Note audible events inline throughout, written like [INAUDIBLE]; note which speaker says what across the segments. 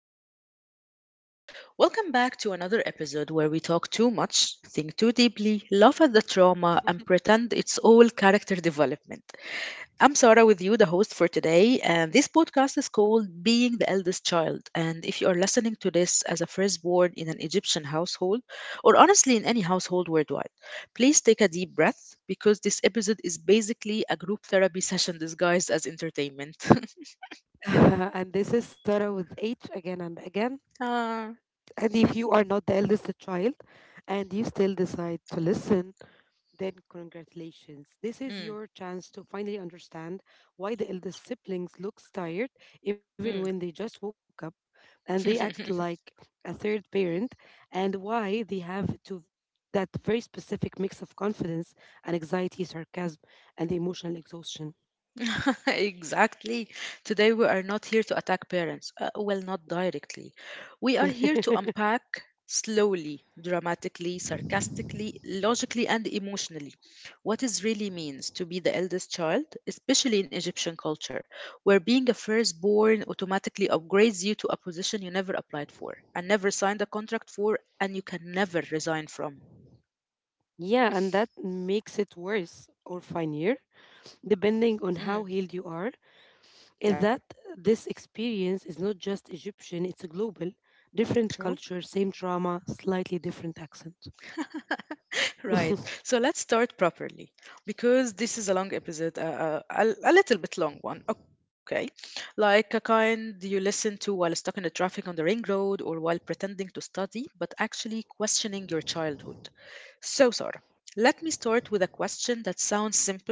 Speaker 1: questioning their life choices, welcome back to another episode where we talk too much, think too deeply, laugh at the trauma, and pretend it's all character development. I'm Sarah with you, the host for today, and this podcast is called Being the Eldest Child. And if you are listening to this as a firstborn in an Egyptian household, or honestly in any household worldwide, please take a deep breath because this episode is basically a group therapy [LAUGHS] session disguised as entertainment. [LAUGHS]
Speaker 2: [LAUGHS] And this is Sarah with H again and again.
Speaker 1: Ah,
Speaker 2: And if you are not the eldest child and you still decide to listen, then congratulations. This is
Speaker 1: mm,
Speaker 2: your chance to finally understand why the eldest siblings looks tired even when
Speaker 1: mm.
Speaker 2: they just woke up, and they act like
Speaker 1: [LAUGHS]
Speaker 2: a third parent, and why they have to that very specific mix of confidence and anxiety, sarcasm and emotional exhaustion.
Speaker 1: [LAUGHS] exactly. Today, we are not here to attack parents. Well, not directly. We are here to unpack slowly, dramatically,
Speaker 2: [LAUGHS]
Speaker 1: sarcastically, logically, and emotionally what it really means to be the eldest child, especially in Egyptian culture, where being a firstborn automatically upgrades you to a position you never applied for and never signed a contract for and you can never resign from.
Speaker 2: Yeah, and that makes it worse or funnier, depending on how
Speaker 1: Mm,
Speaker 2: healed you are,
Speaker 1: yeah,
Speaker 2: is that this experience is not just Egyptian, it's a global, different
Speaker 1: true.
Speaker 2: culture, same trauma, slightly different accent.
Speaker 1: [LAUGHS] Right.
Speaker 2: [LAUGHS]
Speaker 1: So let's start properly because this is a long episode, a little bit long one. Okay. Like a kind you listen to while stuck in the traffic on the ring road or while pretending to study, but actually questioning your childhood. So, Sarah, let me start with a question that sounds simple,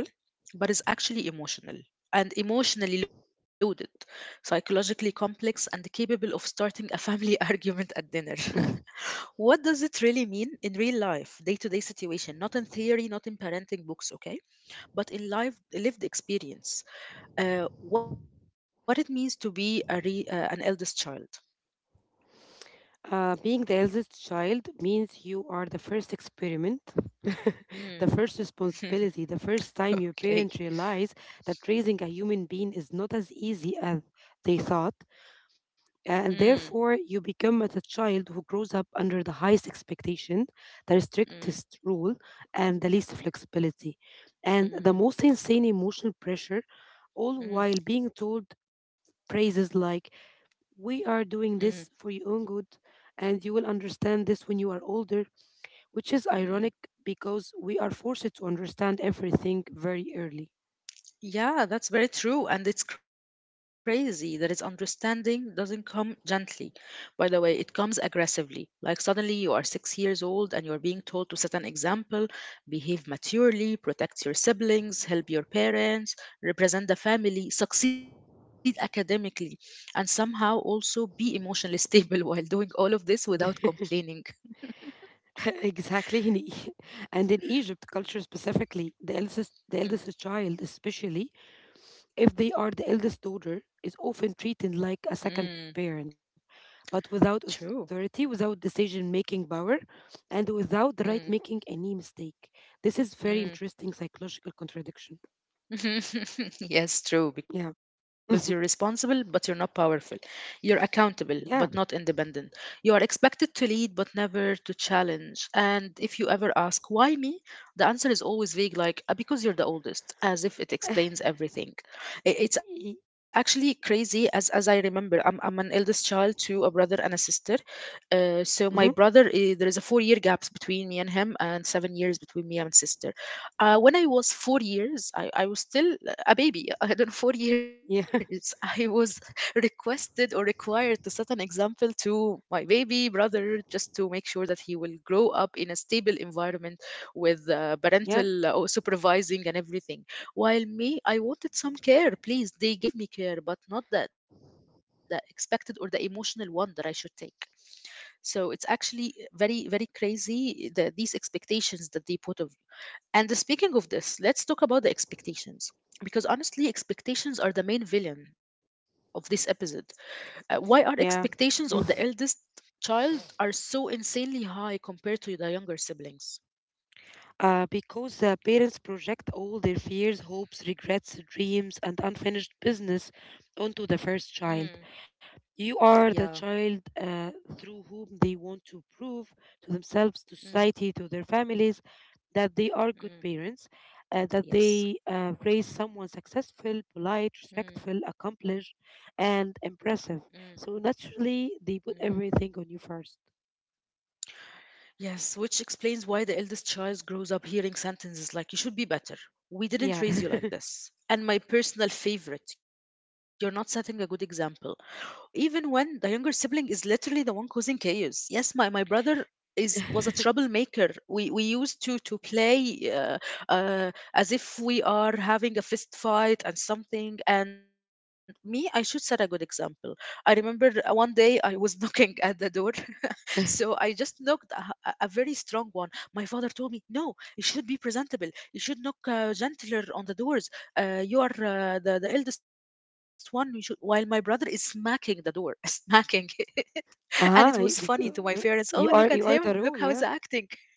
Speaker 1: but is actually emotional and emotionally loaded, psychologically complex, and capable of starting a family [LAUGHS] argument at dinner. What does it really mean in real life, day to day situation? Not in theory, not in parenting books, okay? But in life, lived experience. What it means to be an eldest child.
Speaker 2: being the eldest child means you are the first experiment,
Speaker 1: Mm.
Speaker 2: [LAUGHS] the first
Speaker 1: [LAUGHS]
Speaker 2: responsibility, the first time your
Speaker 1: okay.
Speaker 2: parents realize that raising a human being is not as easy as they thought,
Speaker 1: Mm,
Speaker 2: and therefore you become as a child who grows up under the highest expectation, the
Speaker 1: mm,
Speaker 2: strictest rule, and the least flexibility, and the
Speaker 1: mm,
Speaker 2: most insane emotional pressure, all
Speaker 1: mm,
Speaker 2: while being told phrases like, "We
Speaker 1: mm,
Speaker 2: are doing this for your own good," and, "you will understand this when you are older," which is
Speaker 1: mm.
Speaker 2: ironic because we are forced to understand everything very early.
Speaker 1: Yeah, that's very true. And it's crazy that its understanding doesn't come gently. By the way, it comes aggressively. Like suddenly you are 6 years old and you're being told to set an example, behave maturely, protect your siblings, help your parents, represent the family, succeed academically, and somehow also be emotionally stable [LAUGHS] while doing all of this without complaining.
Speaker 2: [LAUGHS] Exactly. [LAUGHS] And in Egypt culture specifically, the
Speaker 1: Mm,
Speaker 2: eldest child, especially, if they are the eldest daughter, is often treated
Speaker 1: mm,
Speaker 2: like a second parent, but without
Speaker 1: true.
Speaker 2: authority, without decision making power, and without the right making
Speaker 1: Mm,
Speaker 2: any mistake. This is very interesting
Speaker 1: mm.
Speaker 2: psychological contradiction.
Speaker 1: [LAUGHS] yes, true,
Speaker 2: Yeah.
Speaker 1: because you're
Speaker 2: [LAUGHS]
Speaker 1: responsible, but you're not powerful. You're accountable, but not
Speaker 2: Yeah.
Speaker 1: independent. You are expected to lead, but never to challenge. And if you ever ask, why me? The answer is always vague, like, "Because you're the oldest," as if it explains everything. It's
Speaker 2: Y-
Speaker 1: actually crazy, as I remember, I'm an eldest child to a brother and a sister. So my brother,
Speaker 2: mhm.
Speaker 1: there is a 4 year gap between me and him, and 7 years between me and sister. When I was 4 years, I was still a baby. [LAUGHS] I don't know, 4 years.
Speaker 2: Yeah. [LAUGHS]
Speaker 1: I was [LAUGHS] requested or required to set an example to my baby brother just to make sure that he will grow up in a stable environment with
Speaker 2: Yeah.
Speaker 1: parental or supervising and everything. While me, I wanted some care, please. They gave me care, but not the expected or the emotional one that I should take. So it's actually very, very crazy these expectations that they put of and speaking of this, let's talk about the expectations. Because honestly, expectations are the main villain of this episode. Why are expectations
Speaker 2: Yeah.
Speaker 1: on the eldest
Speaker 2: Mm.
Speaker 1: child are so insanely high compared to the younger siblings?
Speaker 2: Because parents project all their fears, hopes, regrets, dreams, and unfinished business onto the first
Speaker 1: Mm,
Speaker 2: child. You are
Speaker 1: Yeah,
Speaker 2: the child through whom they want to prove to themselves, to
Speaker 1: mm,
Speaker 2: society, to their families that they are good
Speaker 1: mm,
Speaker 2: parents, uh, that they
Speaker 1: yes.
Speaker 2: uh, raise someone successful, polite, respectful,
Speaker 1: mm,
Speaker 2: accomplished, and impressive.
Speaker 1: mm,
Speaker 2: So naturally, they put
Speaker 1: mm.
Speaker 2: everything on you first.
Speaker 1: Yes, which explains why the eldest child grows up hearing sentences like, "You should be better.
Speaker 2: Yeah.
Speaker 1: We didn't raise you like this." And my personal favorite, "You're not setting a good example," even when the younger sibling is literally the one causing chaos. Yes, my brother is was a
Speaker 2: [LAUGHS]
Speaker 1: troublemaker. We used to play as if we are having a fist fight and something. And me, I should set a good example. I remember one day I was [LAUGHS] knocking at the door so I just knocked a very strong one. My father told me, no, it should be presentable. You should knock gentler on the doors. You are the eldest one. You should, while my brother is smacking the door, [LAUGHS] smacking. [LAUGHS] And
Speaker 2: Ah,
Speaker 1: it was
Speaker 2: because
Speaker 1: funny to my parents. Oh, look
Speaker 2: you
Speaker 1: at
Speaker 2: are the
Speaker 1: him.
Speaker 2: role,
Speaker 1: Look
Speaker 2: yeah.
Speaker 1: how he's acting.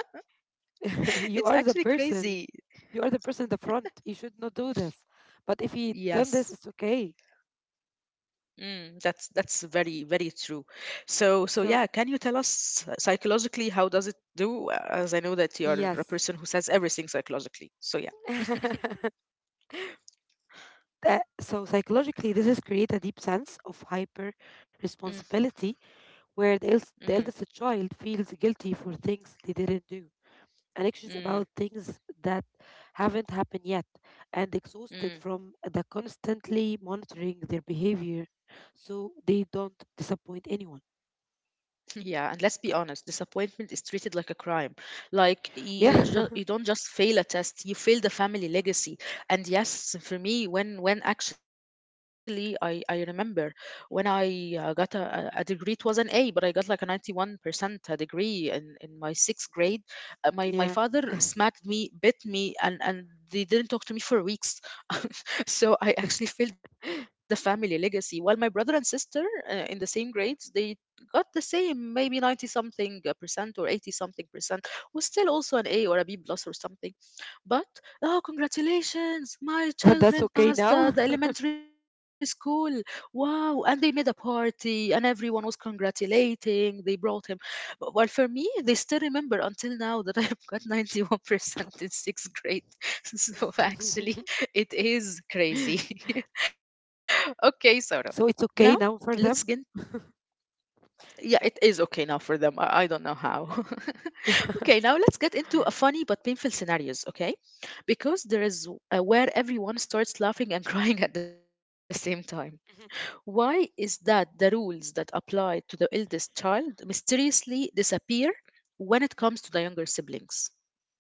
Speaker 1: [LAUGHS]
Speaker 2: [LAUGHS] You are the
Speaker 1: It's actually
Speaker 2: person.
Speaker 1: crazy.
Speaker 2: You are the person in the front. You should not do this. But if he done this, it's okay.
Speaker 1: Yes. That's very very true.
Speaker 2: So,
Speaker 1: So so yeah, can you tell us psychologically how does it do? As I know that
Speaker 2: yes.
Speaker 1: you are a person who says everything psychologically. So yeah.
Speaker 2: [LAUGHS] That- so, psychologically, this has created a deep sense of hyper
Speaker 1: Mm,
Speaker 2: responsibility, where the eldest
Speaker 1: mm,
Speaker 2: child feels guilty for things they didn't do and anxious about things
Speaker 1: mm,
Speaker 2: that haven't happened yet, and exhausted from the
Speaker 1: mm.
Speaker 2: constantly monitoring their behavior so they don't disappoint anyone.
Speaker 1: Yeah, and let's be honest, disappointment is treated like a crime. Like you
Speaker 2: Yeah,
Speaker 1: you don't just fail a test, you fail the family legacy. And yes, for me, when actually I remember when I got a degree, it was an A, but I got like a 91% a degree in my sixth grade. Uh, my
Speaker 2: [LAUGHS] yeah,
Speaker 1: my father smacked me, bit me, and they didn't talk to me for weeks. [LAUGHS] So I actually failed the family legacy. While my brother and sister in the same grades, they got the same maybe 90 something percent or 80 something percent, was still also an a or a b plus or something. But oh, congratulations,
Speaker 2: [LAUGHS] that's
Speaker 1: my
Speaker 2: okay
Speaker 1: children
Speaker 2: now.
Speaker 1: passed the elementary school. Wow. And they made a party and everyone was congratulating, they brought him. But well, for me they still remember until now that [LAUGHS] I've got 91% in sixth
Speaker 2: [LAUGHS]
Speaker 1: grade. [LAUGHS] So actually it is crazy. [LAUGHS]
Speaker 2: So, it's okay
Speaker 1: okay
Speaker 2: now for
Speaker 1: sarah
Speaker 2: them.
Speaker 1: now let's get Yeah, it is okay now for them. I don't know how. [LAUGHS] Okay, now let's get into a funny but painful scenarios, okay? Because there is where everyone starts laughing and [LAUGHS] crying at the same
Speaker 2: [LAUGHS]
Speaker 1: time. Why is that the rules that apply to the eldest child mysteriously disappear when it comes to the younger siblings?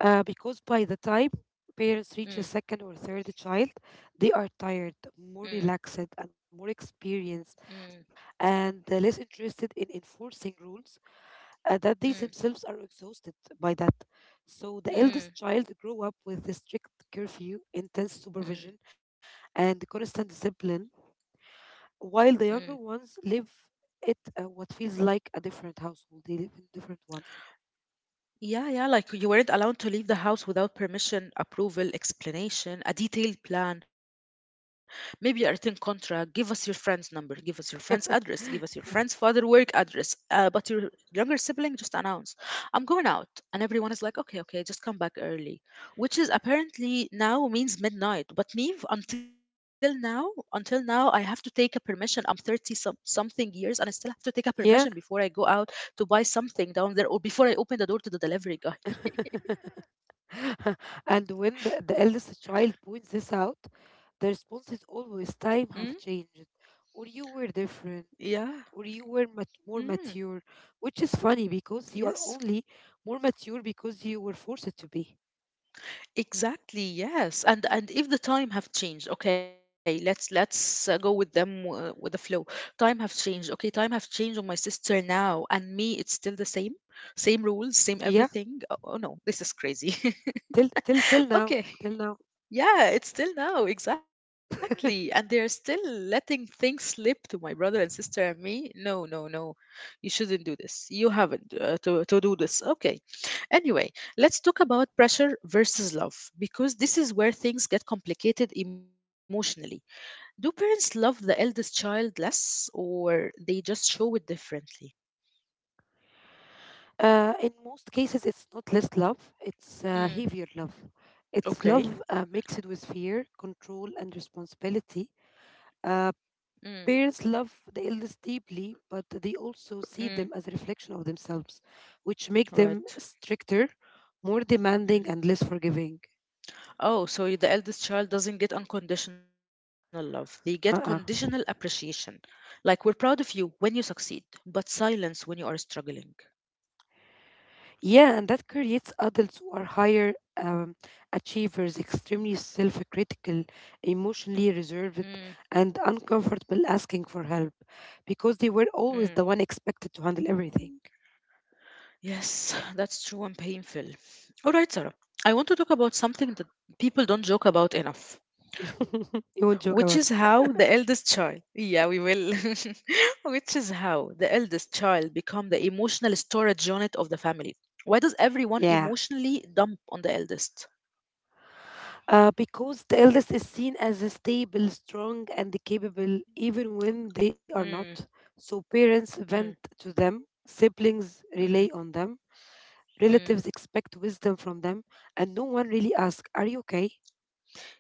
Speaker 2: Because by the time parents reach a second or
Speaker 1: Mm,
Speaker 2: third child, they are tired,
Speaker 1: mm,
Speaker 2: more relaxed, and more experienced,
Speaker 1: mm,
Speaker 2: and less interested in enforcing rules that they themselves
Speaker 1: mm,
Speaker 2: are exhausted by that. So the eldest child
Speaker 1: mm,
Speaker 2: grew up with a strict curfew, intense supervision,
Speaker 1: mm,
Speaker 2: and constant discipline, while the
Speaker 1: mm.
Speaker 2: younger ones live it what feels like a different household. They live in a different one.
Speaker 1: Yeah, yeah, like you weren't allowed to leave the house without permission, approval, explanation, a detailed plan, maybe a written contract. Give us your friend's number, give us your friend's address, give us your friend's father work address. But your younger sibling just announced, "I'm going out." And everyone is like, okay, okay, just come back early, which is apparently now means midnight. But me, until now, I have to take a permission. I'm 30 some, something years and I still have to take a permission
Speaker 2: Yeah.
Speaker 1: before I go out to buy something down there or before I open the door to the delivery guy.
Speaker 2: [LAUGHS] [LAUGHS] And when the eldest child points this out, the response is always
Speaker 1: Mm,
Speaker 2: time have changed, or you were different,
Speaker 1: yeah.
Speaker 2: or more
Speaker 1: Mm,
Speaker 2: mature, which is funny because you
Speaker 1: yes.
Speaker 2: are only more mature because you were forced to be.
Speaker 1: Exactly. Yes. And if the time have changed, okay, let's go with them with the flow. Time have changed. Okay, time have changed on my sister now and me it's still the same. Same rules, same
Speaker 2: Yeah,
Speaker 1: everything. Oh, oh no, this is crazy. [LAUGHS]
Speaker 2: till now,
Speaker 1: Okay.
Speaker 2: till now.
Speaker 1: Yeah, it's still now, exactly. And they're still letting things slip to my brother and sister and me. No, no, no. You shouldn't do this. You haven't to do this. Okay. Anyway, let's talk about pressure versus love because this is where things get complicated emotionally. Do parents love the eldest child less or they just show it differently?
Speaker 2: In most cases, it's not less love; it's
Speaker 1: Mm,
Speaker 2: heavier love. It's
Speaker 1: okay.
Speaker 2: love mixed with fear, control, and responsibility.
Speaker 1: Mm,
Speaker 2: Uh, Parents love the eldest deeply, but they also
Speaker 1: mm,
Speaker 2: see them as a reflection of themselves, which make
Speaker 1: right.
Speaker 2: them stricter, more demanding, and less forgiving.
Speaker 1: Oh, so the eldest child doesn't get unconditional love. They get conditional
Speaker 2: Uh-uh.
Speaker 1: appreciation. Like, we're proud of you when you succeed, but silence when you are struggling.
Speaker 2: Yeah, and that creates adults who are higher achievers, extremely self critical, emotionally
Speaker 1: Mm,
Speaker 2: reserved, and uncomfortable asking for help because they were
Speaker 1: mm.
Speaker 2: always the one expected to handle everything.
Speaker 1: Yes, [SIGHS] that's true and painful. All right, Sarah. I want to talk about something that people don't joke about enough, which is
Speaker 2: [LAUGHS] You won't
Speaker 1: how
Speaker 2: joke
Speaker 1: the
Speaker 2: about
Speaker 1: eldest
Speaker 2: it.
Speaker 1: child. Yeah, we will. [LAUGHS] which is how the eldest child become the emotional storage unit of the family. Why does everyone
Speaker 2: Yeah.
Speaker 1: emotionally dump on the eldest?
Speaker 2: Because the eldest is seen as a stable, strong, and capable, even when they
Speaker 1: Mm,
Speaker 2: are not. So parents
Speaker 1: mm.
Speaker 2: vent to them, siblings
Speaker 1: Mm,
Speaker 2: rely on them,
Speaker 1: mm.
Speaker 2: relatives expect wisdom from them, and no one really asks, "Are you okay?"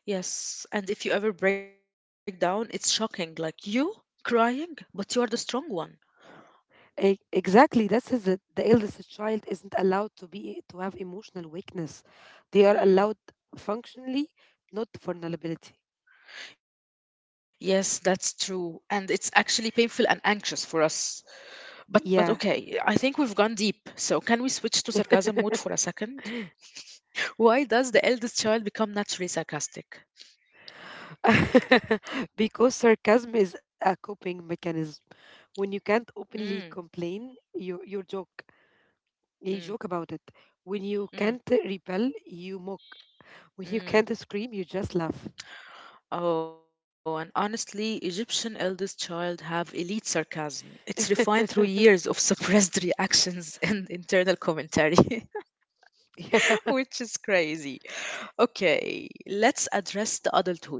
Speaker 1: Yes, and if you ever break down, it's shocking. Like you crying, but you are the strong one.
Speaker 2: Exactly, this is it. The eldest child isn't allowed to have emotional weakness; they are
Speaker 1: Mm.
Speaker 2: allowed functionally, not vulnerability.
Speaker 1: Yes, that's true. And it's actually painful and anxious for us. But okay, I think
Speaker 2: Yeah,
Speaker 1: we've gone deep. So can we switch to sarcasm mode for a second? Why does the eldest child become naturally sarcastic?
Speaker 2: [LAUGHS] because sarcasm is a coping mechanism. When you can't
Speaker 1: Mm,
Speaker 2: openly complain, you joke. You
Speaker 1: mm,
Speaker 2: joke about it. When you
Speaker 1: mm,
Speaker 2: can't repel, you mock. When you
Speaker 1: mm.
Speaker 2: can't scream, you just laugh.
Speaker 1: Oh, and honestly, Egyptian eldest child have elite sarcasm. It's refined through years of
Speaker 2: [LAUGHS]
Speaker 1: suppressed [LAUGHS] reactions and internal commentary, [LAUGHS]
Speaker 2: Yeah.
Speaker 1: which is crazy. Okay, let's address the adulthood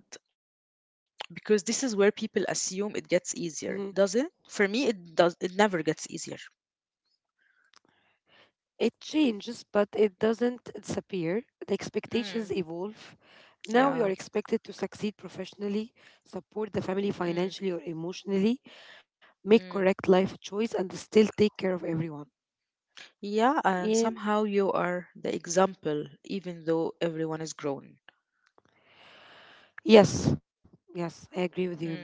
Speaker 1: because this is where people assume it gets easier. Does it?
Speaker 2: Mhm.
Speaker 1: For me, it does. It never gets easier.
Speaker 2: It changes, but it doesn't disappear. The
Speaker 1: Mm,
Speaker 2: expectations evolve. Now you
Speaker 1: Yeah.
Speaker 2: are expected to succeed professionally, support the
Speaker 1: mm,
Speaker 2: family financially or emotionally, make
Speaker 1: mm.
Speaker 2: correct life choice, and still take care of everyone.
Speaker 1: Yeah, and
Speaker 2: Yeah,
Speaker 1: somehow you are the example, even though everyone is grown.
Speaker 2: yes, yes, I agree with you on that.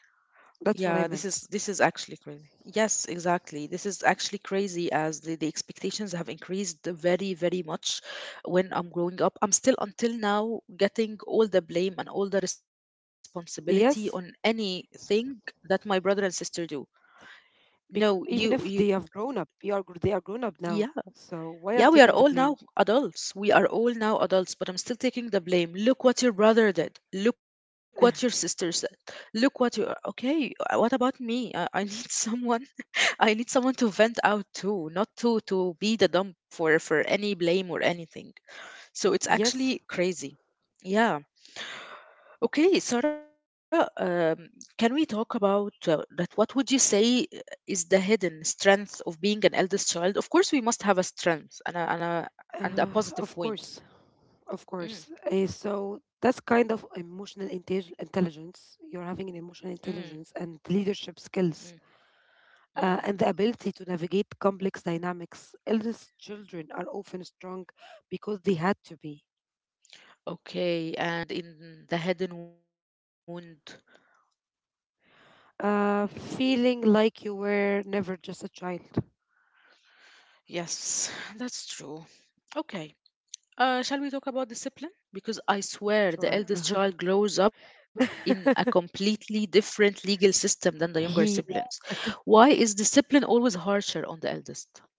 Speaker 2: That's what I
Speaker 1: Yeah,
Speaker 2: meant.
Speaker 1: this is actually crazy. Yes, exactly. This is actually crazy as the expectations have increased very, very much when I'm growing up. I'm still until now getting all the blame and all the responsibility on
Speaker 2: Yes,
Speaker 1: anything that my brother and sister do. No,
Speaker 2: because
Speaker 1: you
Speaker 2: even if
Speaker 1: you
Speaker 2: they have grown up, they are grown up now.
Speaker 1: yeah.
Speaker 2: So why I'm
Speaker 1: Yeah, we are
Speaker 2: taking the
Speaker 1: all
Speaker 2: blame?
Speaker 1: now adults. We are all now adults, but I'm still taking the blame. Look what your brother did. Look what your
Speaker 2: [LAUGHS]
Speaker 1: sister said. Look what you okay. What about me? I need [LAUGHS] someone. I need someone to vent out to, not to be the dump for any blame or anything. So it's
Speaker 2: Yes,
Speaker 1: actually crazy. Yeah. Okay, Sarah, can we talk about that? What would you say is the hidden strength of being an eldest child? Of course, we must have a strength and a positive
Speaker 2: of
Speaker 1: point.
Speaker 2: course, of course.
Speaker 1: Mm,
Speaker 2: So that's kind of intelligence. You're having an emotional
Speaker 1: mm,
Speaker 2: intelligence and leadership
Speaker 1: mm,
Speaker 2: skills.
Speaker 1: mm.
Speaker 2: And the ability to navigate complex dynamics. Eldest children are often strong because they had to be.
Speaker 1: Okay, and in the hidden wound.
Speaker 2: Feeling like you were never just a child.
Speaker 1: Yes, [SIGHS] that's true. Okay. Shall we talk about discipline? Because I swear
Speaker 2: Sure.
Speaker 1: the eldest child grows up in a
Speaker 2: [LAUGHS]
Speaker 1: completely different legal system than the younger
Speaker 2: He,
Speaker 1: siblings. Why is discipline always harsher on the eldest?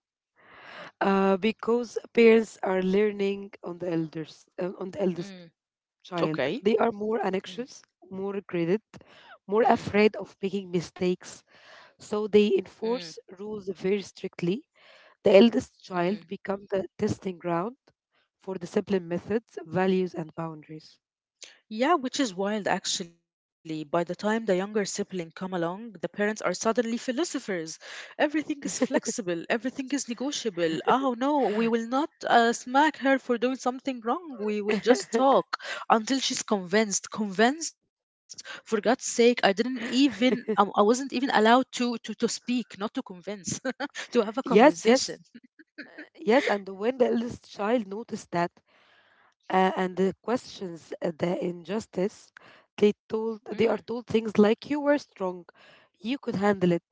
Speaker 2: because parents are learning on the eldest
Speaker 1: Mm,
Speaker 2: child. They
Speaker 1: okay.
Speaker 2: are more anxious,
Speaker 1: Mm,
Speaker 2: more credit,
Speaker 1: mm,
Speaker 2: more afraid of making mistakes. So they
Speaker 1: mm,
Speaker 2: enforce rules very strictly. The eldest
Speaker 1: mm.
Speaker 2: child become the testing ground for discipline methods, values, and boundaries.
Speaker 1: Yeah, which is wild actually. By the time the younger sibling come along, the parents are suddenly philosophers. Everything is flexible, everything is negotiable. Oh no, we will not smack her for doing something wrong. We will just
Speaker 2: [LAUGHS]
Speaker 1: talk until she's convinced. Convinced? For God's sake, I didn't even I wasn't even allowed to speak, not to convince, [LAUGHS] to have a
Speaker 2: Yes,
Speaker 1: conversation.
Speaker 2: yes, yes. And when the eldest child noticed that and the questions the injustice,
Speaker 1: Mm.
Speaker 2: they are told things like, "you were strong, you could handle it,"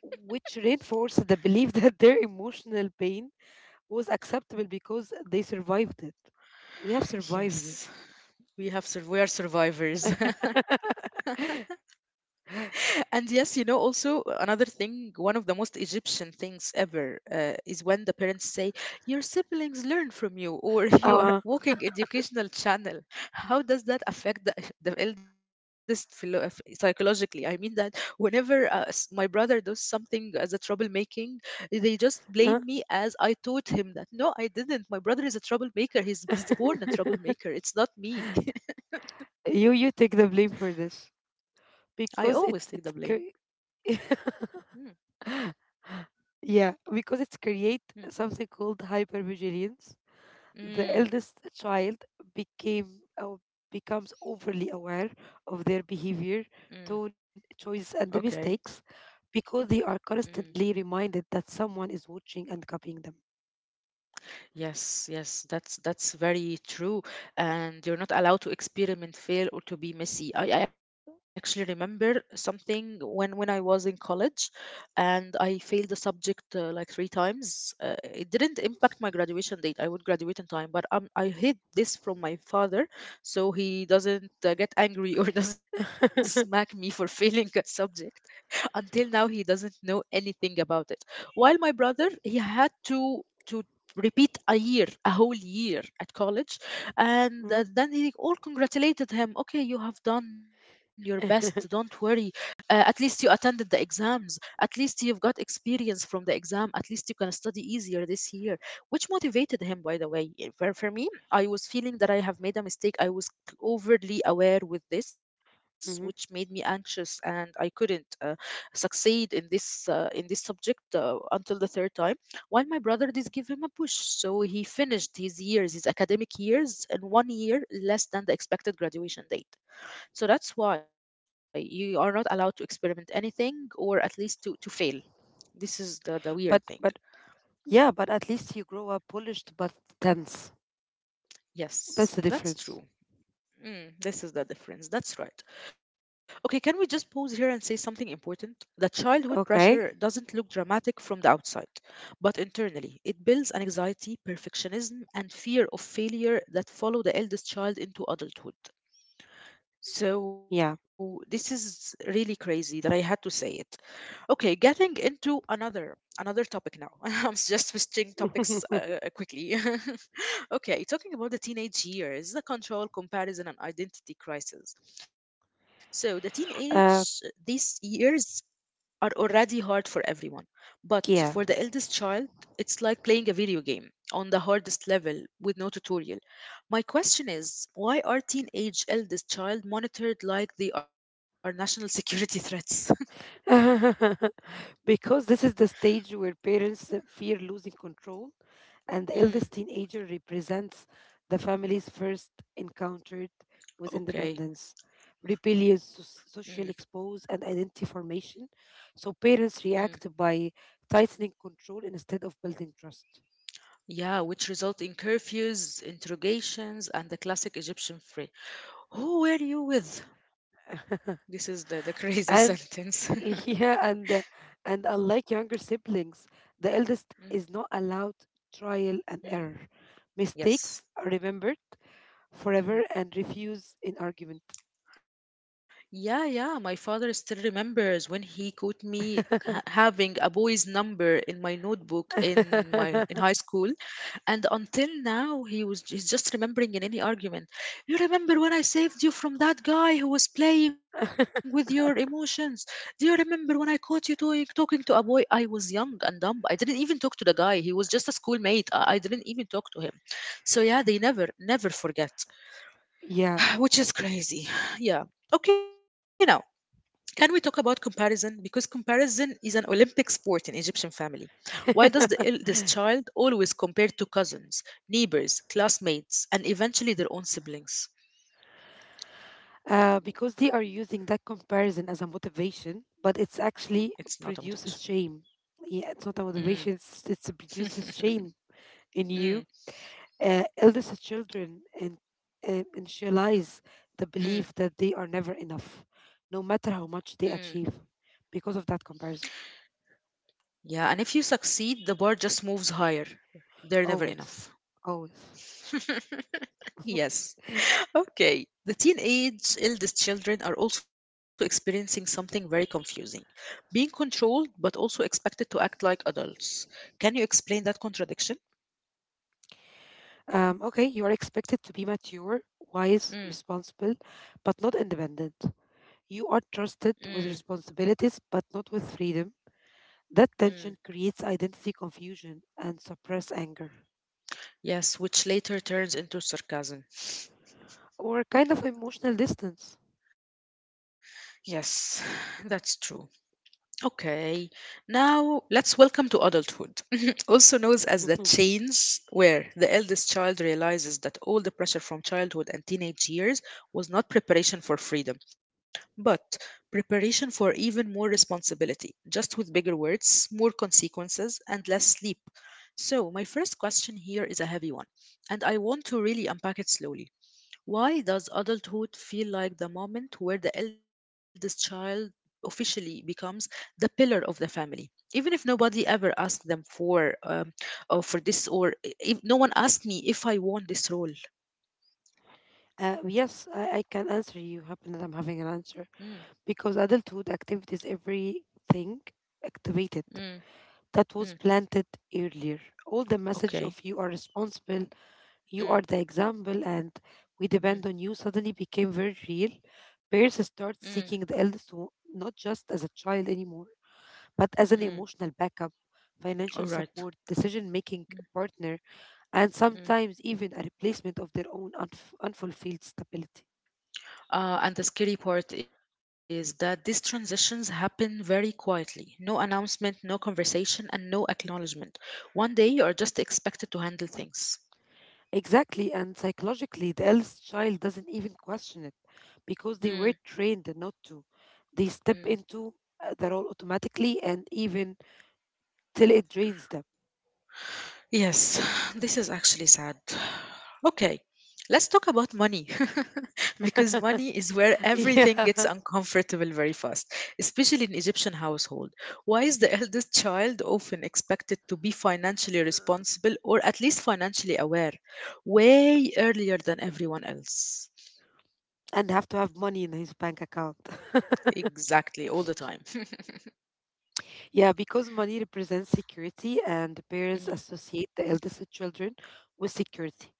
Speaker 2: which reinforced the belief [LAUGHS] that their emotional pain was acceptable because they survived it. We have survived it.
Speaker 1: Yes, we have we are survivors. [LAUGHS] And yes, you know, also another thing, one of the most Egyptian things ever is when the parents say, your siblings learn from you, or [LAUGHS] you are a
Speaker 2: Uh,
Speaker 1: walking educational channel. How does that affect the, [LAUGHS] the eldest psychologically? I mean, that whenever my brother does something as a troublemaking, they just blame
Speaker 2: uh,
Speaker 1: me as I taught him that. No, I didn't. My brother is a troublemaker. He's born a
Speaker 2: [LAUGHS]
Speaker 1: troublemaker. It's not me.
Speaker 2: you take the blame for this
Speaker 1: [LAUGHS] I always take
Speaker 2: because
Speaker 1: the blame.
Speaker 2: [LAUGHS]
Speaker 1: Mm,
Speaker 2: yeah, because it's create
Speaker 1: mm,
Speaker 2: something called hypervigilance. The
Speaker 1: mm,
Speaker 2: eldest child became or becomes overly aware of their
Speaker 1: mm.
Speaker 2: behavior, tone, choice, and
Speaker 1: Okay.
Speaker 2: the mistakes because they are
Speaker 1: Mm.
Speaker 2: constantly reminded that someone is watching and copying them.
Speaker 1: Yes, yes, that's very true. And you're not allowed to experiment, fail, or to be messy. I actually remember something when I was in college, and I failed the subject like three times. It didn't impact my graduation date. I would graduate in time, but I hid this from my father, so he doesn't get angry or [LAUGHS] doesn't smack me for failing a subject. [LAUGHS] Until now, he doesn't know anything about it. While my brother, he had to repeat a year, a whole year at college, and
Speaker 2: Mhm.
Speaker 1: then he all congratulated him. Okay, you have done your best. Don't worry.
Speaker 2: [LAUGHS]
Speaker 1: At least you attended the exams. At least you've got experience from the exam. At least you can study easier this year, which motivated him. By the way, for me, I was feeling that I have made a mistake. I was overly aware with this, which made me
Speaker 2: Mhm.
Speaker 1: anxious, and I couldn't. Succeed in this subject until the third time, while my brother did give him a push, so he finished his years, his academic years, in 1 year less than the expected graduation date. So that's why you are not allowed to experiment anything, or at least to fail. This is the
Speaker 2: But
Speaker 1: weird
Speaker 2: but
Speaker 1: thing.
Speaker 2: yeah, but at least you grow up polished but tense. That's the
Speaker 1: Yes,
Speaker 2: difference.
Speaker 1: that's true. Mm, this is the difference. That's right. Okay, can we just pause here and say something important? That childhood
Speaker 2: Okay.
Speaker 1: pressure doesn't look dramatic from the outside, but internally, it builds an anxiety, perfectionism, and fear of failure that follow the eldest child into adulthood.
Speaker 2: Yeah.
Speaker 1: So, this is really crazy that I had to say it. Okay, getting into another topic now. [LAUGHS] I'm just switching topics
Speaker 2: [LAUGHS]
Speaker 1: quickly. [LAUGHS] Okay, talking about the teenage years, the control, comparison, and identity crisis. So, the teenage,
Speaker 2: uh,
Speaker 1: these years are already hard for everyone. But for
Speaker 2: yeah.
Speaker 1: the eldest child, it's like playing a video game on the hardest level with no tutorial. My question is why are teenage eldest child monitored like they are national security [LAUGHS] threats?
Speaker 2: [LAUGHS] Because this is the stage where parents fear losing control, and the eldest
Speaker 1: Mm,
Speaker 2: teenager represents the family's first encounter with
Speaker 1: okay.
Speaker 2: independence,
Speaker 1: Mm,
Speaker 2: social expose, and identity formation. So
Speaker 1: mm.
Speaker 2: parents react by tightening control instead of building trust.
Speaker 1: Yeah, which result in curfews, interrogations, and the classic Egyptian who were you with? This is the
Speaker 2: [LAUGHS]
Speaker 1: crazy [LAUGHS] sentence.
Speaker 2: and [LAUGHS] yeah and unlike younger siblings, the eldest
Speaker 1: Mm,
Speaker 2: is not allowed trial and
Speaker 1: mm,
Speaker 2: error.
Speaker 1: yes.
Speaker 2: Mistakes are remembered
Speaker 1: Mm.
Speaker 2: forever and refused in argument.
Speaker 1: Yeah, yeah. My father still remembers when he caught me having a boy's number in my notebook in my in
Speaker 2: [LAUGHS]
Speaker 1: high school. And until now, he's just remembering in any argument. You remember when I saved you from that guy who was playing with your emotions? Do you remember when I caught you doing, talking to a boy? I was young and dumb. I didn't even talk to the guy. He was just a schoolmate. I didn't even talk to him. So yeah, they never, never forget,
Speaker 2: Yeah.
Speaker 1: [SIGHS] which is crazy. [SIGHS] Yeah. Okay, now can we talk about comparison? Because comparison is an Olympic sport in Egyptian family. Why does the eldest child always compare to cousins, neighbors, classmates, and eventually their own siblings?
Speaker 2: [LAUGHS] Because they are using that comparison as a motivation, but it's
Speaker 1: It's not a
Speaker 2: actually
Speaker 1: motivation.
Speaker 2: produces shame. Yeah, it's not a
Speaker 1: Mm.
Speaker 2: motivation, it's
Speaker 1: [LAUGHS]
Speaker 2: produces shame in
Speaker 1: Mm,
Speaker 2: you. Uh, eldest children and initialize the
Speaker 1: mm,
Speaker 2: belief that they are never enough, no matter
Speaker 1: mm.
Speaker 2: how much they achieve, because of that comparison.
Speaker 1: Yeah, and if you succeed, the bar just moves higher. They're never enough.
Speaker 2: Always, always.
Speaker 1: [LAUGHS] Yes.
Speaker 2: [LAUGHS]
Speaker 1: Okay. The teenage eldest children are also experiencing something very confusing, being controlled but also expected to act like adults. Can you explain that contradiction?
Speaker 2: Okay, you are expected to be mature, wise,
Speaker 1: Mm,
Speaker 2: responsible, but not independent. You are
Speaker 1: mm,
Speaker 2: trusted with responsibilities, but not with freedom. That
Speaker 1: mm.
Speaker 2: tension creates identity confusion and suppress anger
Speaker 1: Yes, which later turns into sarcasm.
Speaker 2: or kind of emotional distance.
Speaker 1: Yes, [SIGHS] that's true. Okay, now let's welcome to adulthood, [LAUGHS] also known as the
Speaker 2: [LAUGHS]
Speaker 1: change, where the eldest child realizes that all the pressure from childhood and teenage years was not preparation for freedom, but preparation for even more responsibility, just with bigger words, more consequences, and less sleep. So, my first question here is a heavy one, and I want to really unpack it slowly. Why does adulthood feel like the moment where the eldest child officially becomes the pillar of the family? Even if nobody ever asked them for or for this, or if no one asked me if I want this role.
Speaker 2: Yes, I can answer you. Happen that I'm having an
Speaker 1: Mm,
Speaker 2: answer because adulthood activities, everything activated
Speaker 1: mm,
Speaker 2: that
Speaker 1: mm,
Speaker 2: was planted earlier. All the message
Speaker 1: okay,
Speaker 2: of you are responsible, you
Speaker 1: mm,
Speaker 2: are the example, and we
Speaker 1: mm,
Speaker 2: depend on you suddenly became very real. Parents
Speaker 1: mm,
Speaker 2: start seeking the eldest one not just as a child anymore, but as
Speaker 1: mm,
Speaker 2: an emotional backup,
Speaker 1: all
Speaker 2: financial
Speaker 1: right.
Speaker 2: support, decision making
Speaker 1: Mm,
Speaker 2: partner, and
Speaker 1: mm.
Speaker 2: sometimes even a replacement of their own unfulfilled stability.
Speaker 1: And the scary part is that these transitions happen very quietly. No announcement, no conversation, and no acknowledgement. One day you are just expected to handle things.
Speaker 2: Exactly, and psychologically, the eldest child doesn't even question it because they
Speaker 1: Mm,
Speaker 2: were trained not to. They step
Speaker 1: mm.
Speaker 2: into the role automatically and even till it drains them.
Speaker 1: Yes, [SIGHS] this is actually sad. Okay, let's talk about money [LAUGHS] because money is where
Speaker 2: [LAUGHS]
Speaker 1: everything gets
Speaker 2: Yeah,
Speaker 1: uncomfortable very fast, especially in Egyptian household. Why is the [LAUGHS] eldest child often expected to be financially responsible or at least financially aware way earlier than everyone else?
Speaker 2: and have to have money in his bank account. [LAUGHS]
Speaker 1: Exactly, all the time. [LAUGHS]
Speaker 2: Yeah, because money represents security, and the parents
Speaker 1: Mm,
Speaker 2: associate the eldest children with security.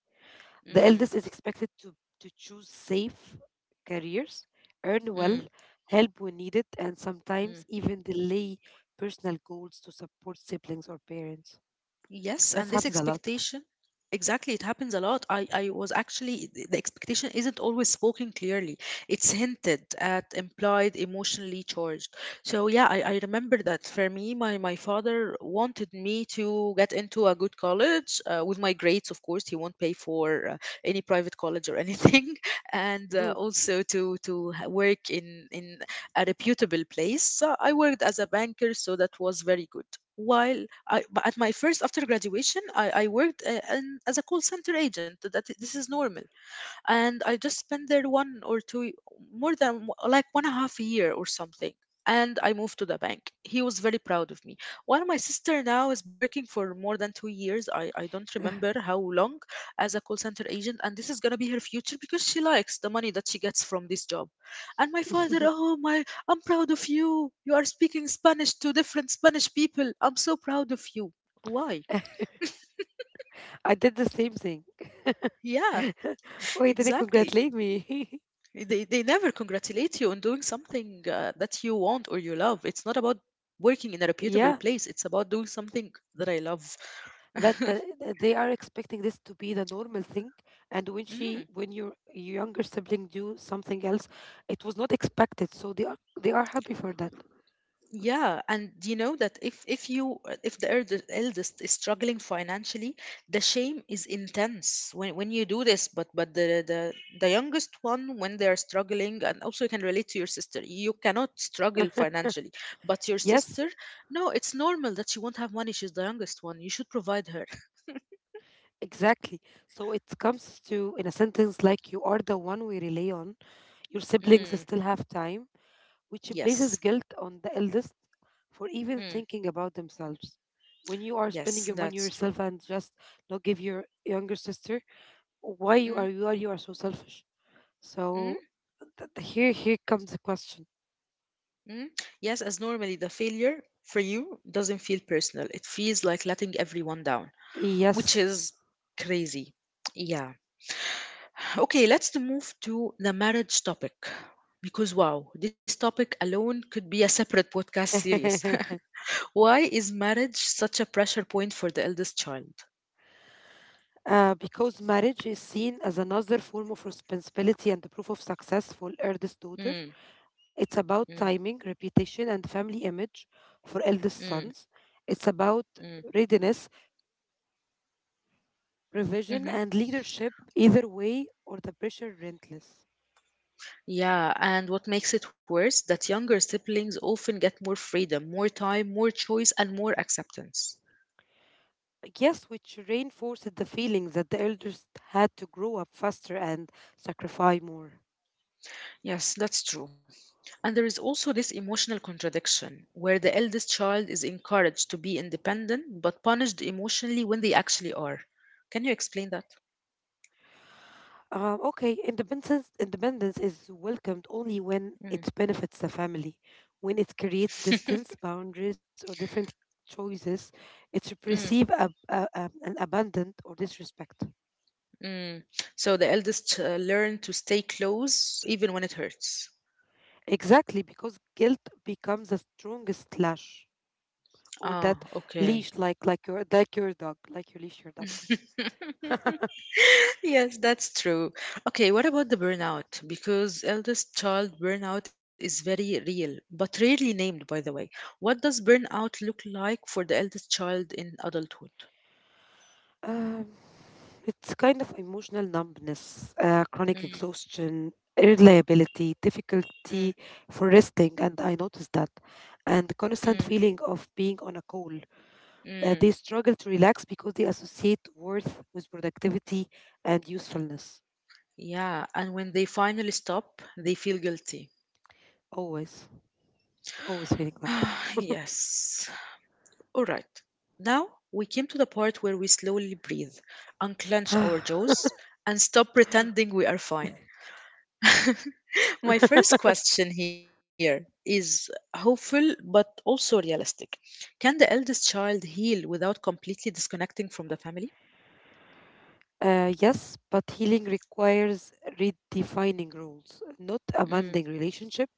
Speaker 2: The
Speaker 1: mm,
Speaker 2: eldest is expected to choose safe careers, earn
Speaker 1: mm,
Speaker 2: well, help when needed, and sometimes
Speaker 1: mm.
Speaker 2: even delay personal goals to support siblings or parents.
Speaker 1: Yes,
Speaker 2: That
Speaker 1: and this
Speaker 2: happens a lot.
Speaker 1: expectation, exactly, it happens a lot. I was actually, the expectation isn't always spoken clearly. It's hinted at, implied, emotionally charged. So yeah, I remember that for me, my father wanted me to get into a good college with my grades, of course. He won't pay for any private college or anything. [LAUGHS] And
Speaker 2: Mhm.
Speaker 1: also to, work in a reputable place. So I worked as a banker, so that was very good. While I, but at my first after graduation, I worked as a call center agent. That this is normal, and I just spent there one or two, more than like one and a half a year or something. And I moved to the bank. He was very proud of me. While my sister now has been working for more than 2 years, I don't remember how long, as a call center agent. And this is going to be her future because she likes the money that she gets from this job. And my father,
Speaker 2: [LAUGHS]
Speaker 1: oh my, I'm proud of you. You are speaking Spanish to different Spanish people. I'm so proud of you. Why?
Speaker 2: I did the same thing.
Speaker 1: Yeah,
Speaker 2: [LAUGHS] Why didn't
Speaker 1: exactly.
Speaker 2: congratulate me? [LAUGHS]
Speaker 1: They never congratulate you on doing something that you want or you love. It's not about working in a
Speaker 2: Yeah,
Speaker 1: reputable place. It's about doing something that I love.
Speaker 2: that
Speaker 1: [LAUGHS]
Speaker 2: that they are expecting this to be the normal thing. And when she,
Speaker 1: Mm,
Speaker 2: when your younger sibling do something else, it was not expected. So they are happy for that.
Speaker 1: yeah, and you know that if you if the eldest is struggling financially, the shame is intense when you do this. But the the youngest one when they are struggling, and also you can relate to your sister. You cannot struggle financially, but your
Speaker 2: Yes,
Speaker 1: sister, no, it's normal that she won't have money. She's the youngest one. You should provide her.
Speaker 2: exactly. So it comes to, in a sentence, like, "you are the one we rely on. Your siblings
Speaker 1: Mm,
Speaker 2: still have time," which
Speaker 1: yes.
Speaker 2: places guilt on the eldest for even
Speaker 1: Mm,
Speaker 2: thinking about themselves. When you are
Speaker 1: yes,
Speaker 2: spending your money
Speaker 1: that's true.
Speaker 2: yourself and just not give your younger sister, why
Speaker 1: Mm,
Speaker 2: you are so selfish?
Speaker 1: mm,
Speaker 2: So here comes the question.
Speaker 1: mm. Yes, as normally the failure for you doesn't feel personal. It feels like letting everyone down, which
Speaker 2: Yes,
Speaker 1: is crazy. Yeah. Okay, let's move to the marriage topic. Because wow, this topic alone could be a separate podcast
Speaker 2: [LAUGHS]
Speaker 1: series. [LAUGHS] Why is marriage such a pressure point for the eldest child?
Speaker 2: because marriage is seen as another form of responsibility and the proof of success for eldest daughter.
Speaker 1: Mm,
Speaker 2: It's about
Speaker 1: mm,
Speaker 2: timing, reputation, and family image for eldest sons. It's about
Speaker 1: mm,
Speaker 2: readiness,
Speaker 1: mm.
Speaker 2: provision, and leadership, either way, or the pressure relentless.
Speaker 1: Yeah, and what makes it worse, that younger siblings often get more freedom, more time, more choice, and more acceptance.
Speaker 2: Yes, which reinforced the feeling that the elders had to grow up faster and sacrifice more.
Speaker 1: Yes, that's true. And there is also this emotional contradiction where the eldest child is encouraged to be independent but punished emotionally when they actually are. Can you explain that?
Speaker 2: Okay, independence is welcomed only when it benefits the family, when it
Speaker 1: Mm.
Speaker 2: creates
Speaker 1: [LAUGHS]
Speaker 2: distance, boundaries, or different choices. It's
Speaker 1: Mm,
Speaker 2: perceived an abandoned or disrespect.
Speaker 1: mm. So the eldest learn to stay close even when it hurts.
Speaker 2: Exactly, because guilt becomes the strongest lash or
Speaker 1: Ah,
Speaker 2: that
Speaker 1: okay.
Speaker 2: leash, like your dog, like you leash your dog.
Speaker 1: [LAUGHS] Yes, that's true. Okay, what about the burnout? Because eldest child burnout is very real, but rarely named, by the way. What does burnout look like for the eldest child in adulthood?
Speaker 2: Um, it's kind of emotional numbness, chronic
Speaker 1: Mm,
Speaker 2: exhaustion, irritability, difficulty
Speaker 1: mm,
Speaker 2: for resting, and I noticed that, and
Speaker 1: mm,
Speaker 2: constant feeling of being on a call. They
Speaker 1: mm.
Speaker 2: struggle to relax because they associate worth with productivity and usefulness.
Speaker 1: Yeah, and when they finally stop, they feel guilty.
Speaker 2: Always, always feeling
Speaker 1: [SIGHS] Yes. All right. Now we came to the part where we slowly breathe,
Speaker 2: that.
Speaker 1: unclench
Speaker 2: [SIGHS]
Speaker 1: our jaws, and stop pretending we are fine. [LAUGHS] My first question here is hopeful but also realistic. Can the eldest child heal without completely disconnecting from the family?
Speaker 2: Yes, but healing requires redefining rules, not amending
Speaker 1: Mm,
Speaker 2: relationship.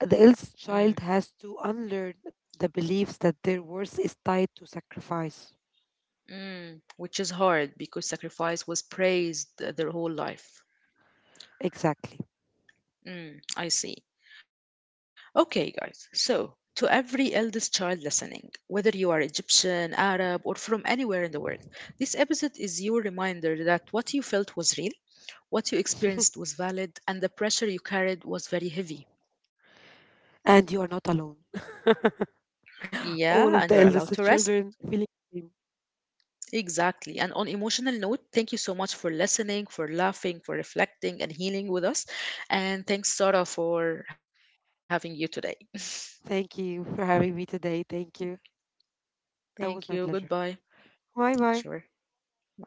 Speaker 2: The
Speaker 1: mm,
Speaker 2: eldest child has to unlearn the beliefs that their worth is tied to sacrifice.
Speaker 1: mm. Which is hard because sacrifice was praised their whole life.
Speaker 2: Exactly.
Speaker 1: Mm, I see. Okay, guys. So, to every eldest child listening, whether you are Egyptian, Arab, or from anywhere in the world, this episode is your reminder that what you felt was real. What you experienced was valid, and the pressure you carried was very heavy.
Speaker 2: And you are not alone. [LAUGHS]
Speaker 1: Yeah, and
Speaker 2: All
Speaker 1: you're
Speaker 2: of the
Speaker 1: allowed to
Speaker 2: eldest
Speaker 1: rest.
Speaker 2: children feeling the same.
Speaker 1: Exactly. And on emotional note, thank you so much for listening, for laughing, for reflecting and healing with us. And thanks Sara for having you today. [LAUGHS]
Speaker 2: Thank you for having me today. Thank you.
Speaker 1: Thank
Speaker 2: That
Speaker 1: you.
Speaker 2: was my pleasure.
Speaker 1: Goodbye.
Speaker 2: Bye
Speaker 1: Sure.
Speaker 2: bye.
Speaker 1: Bye.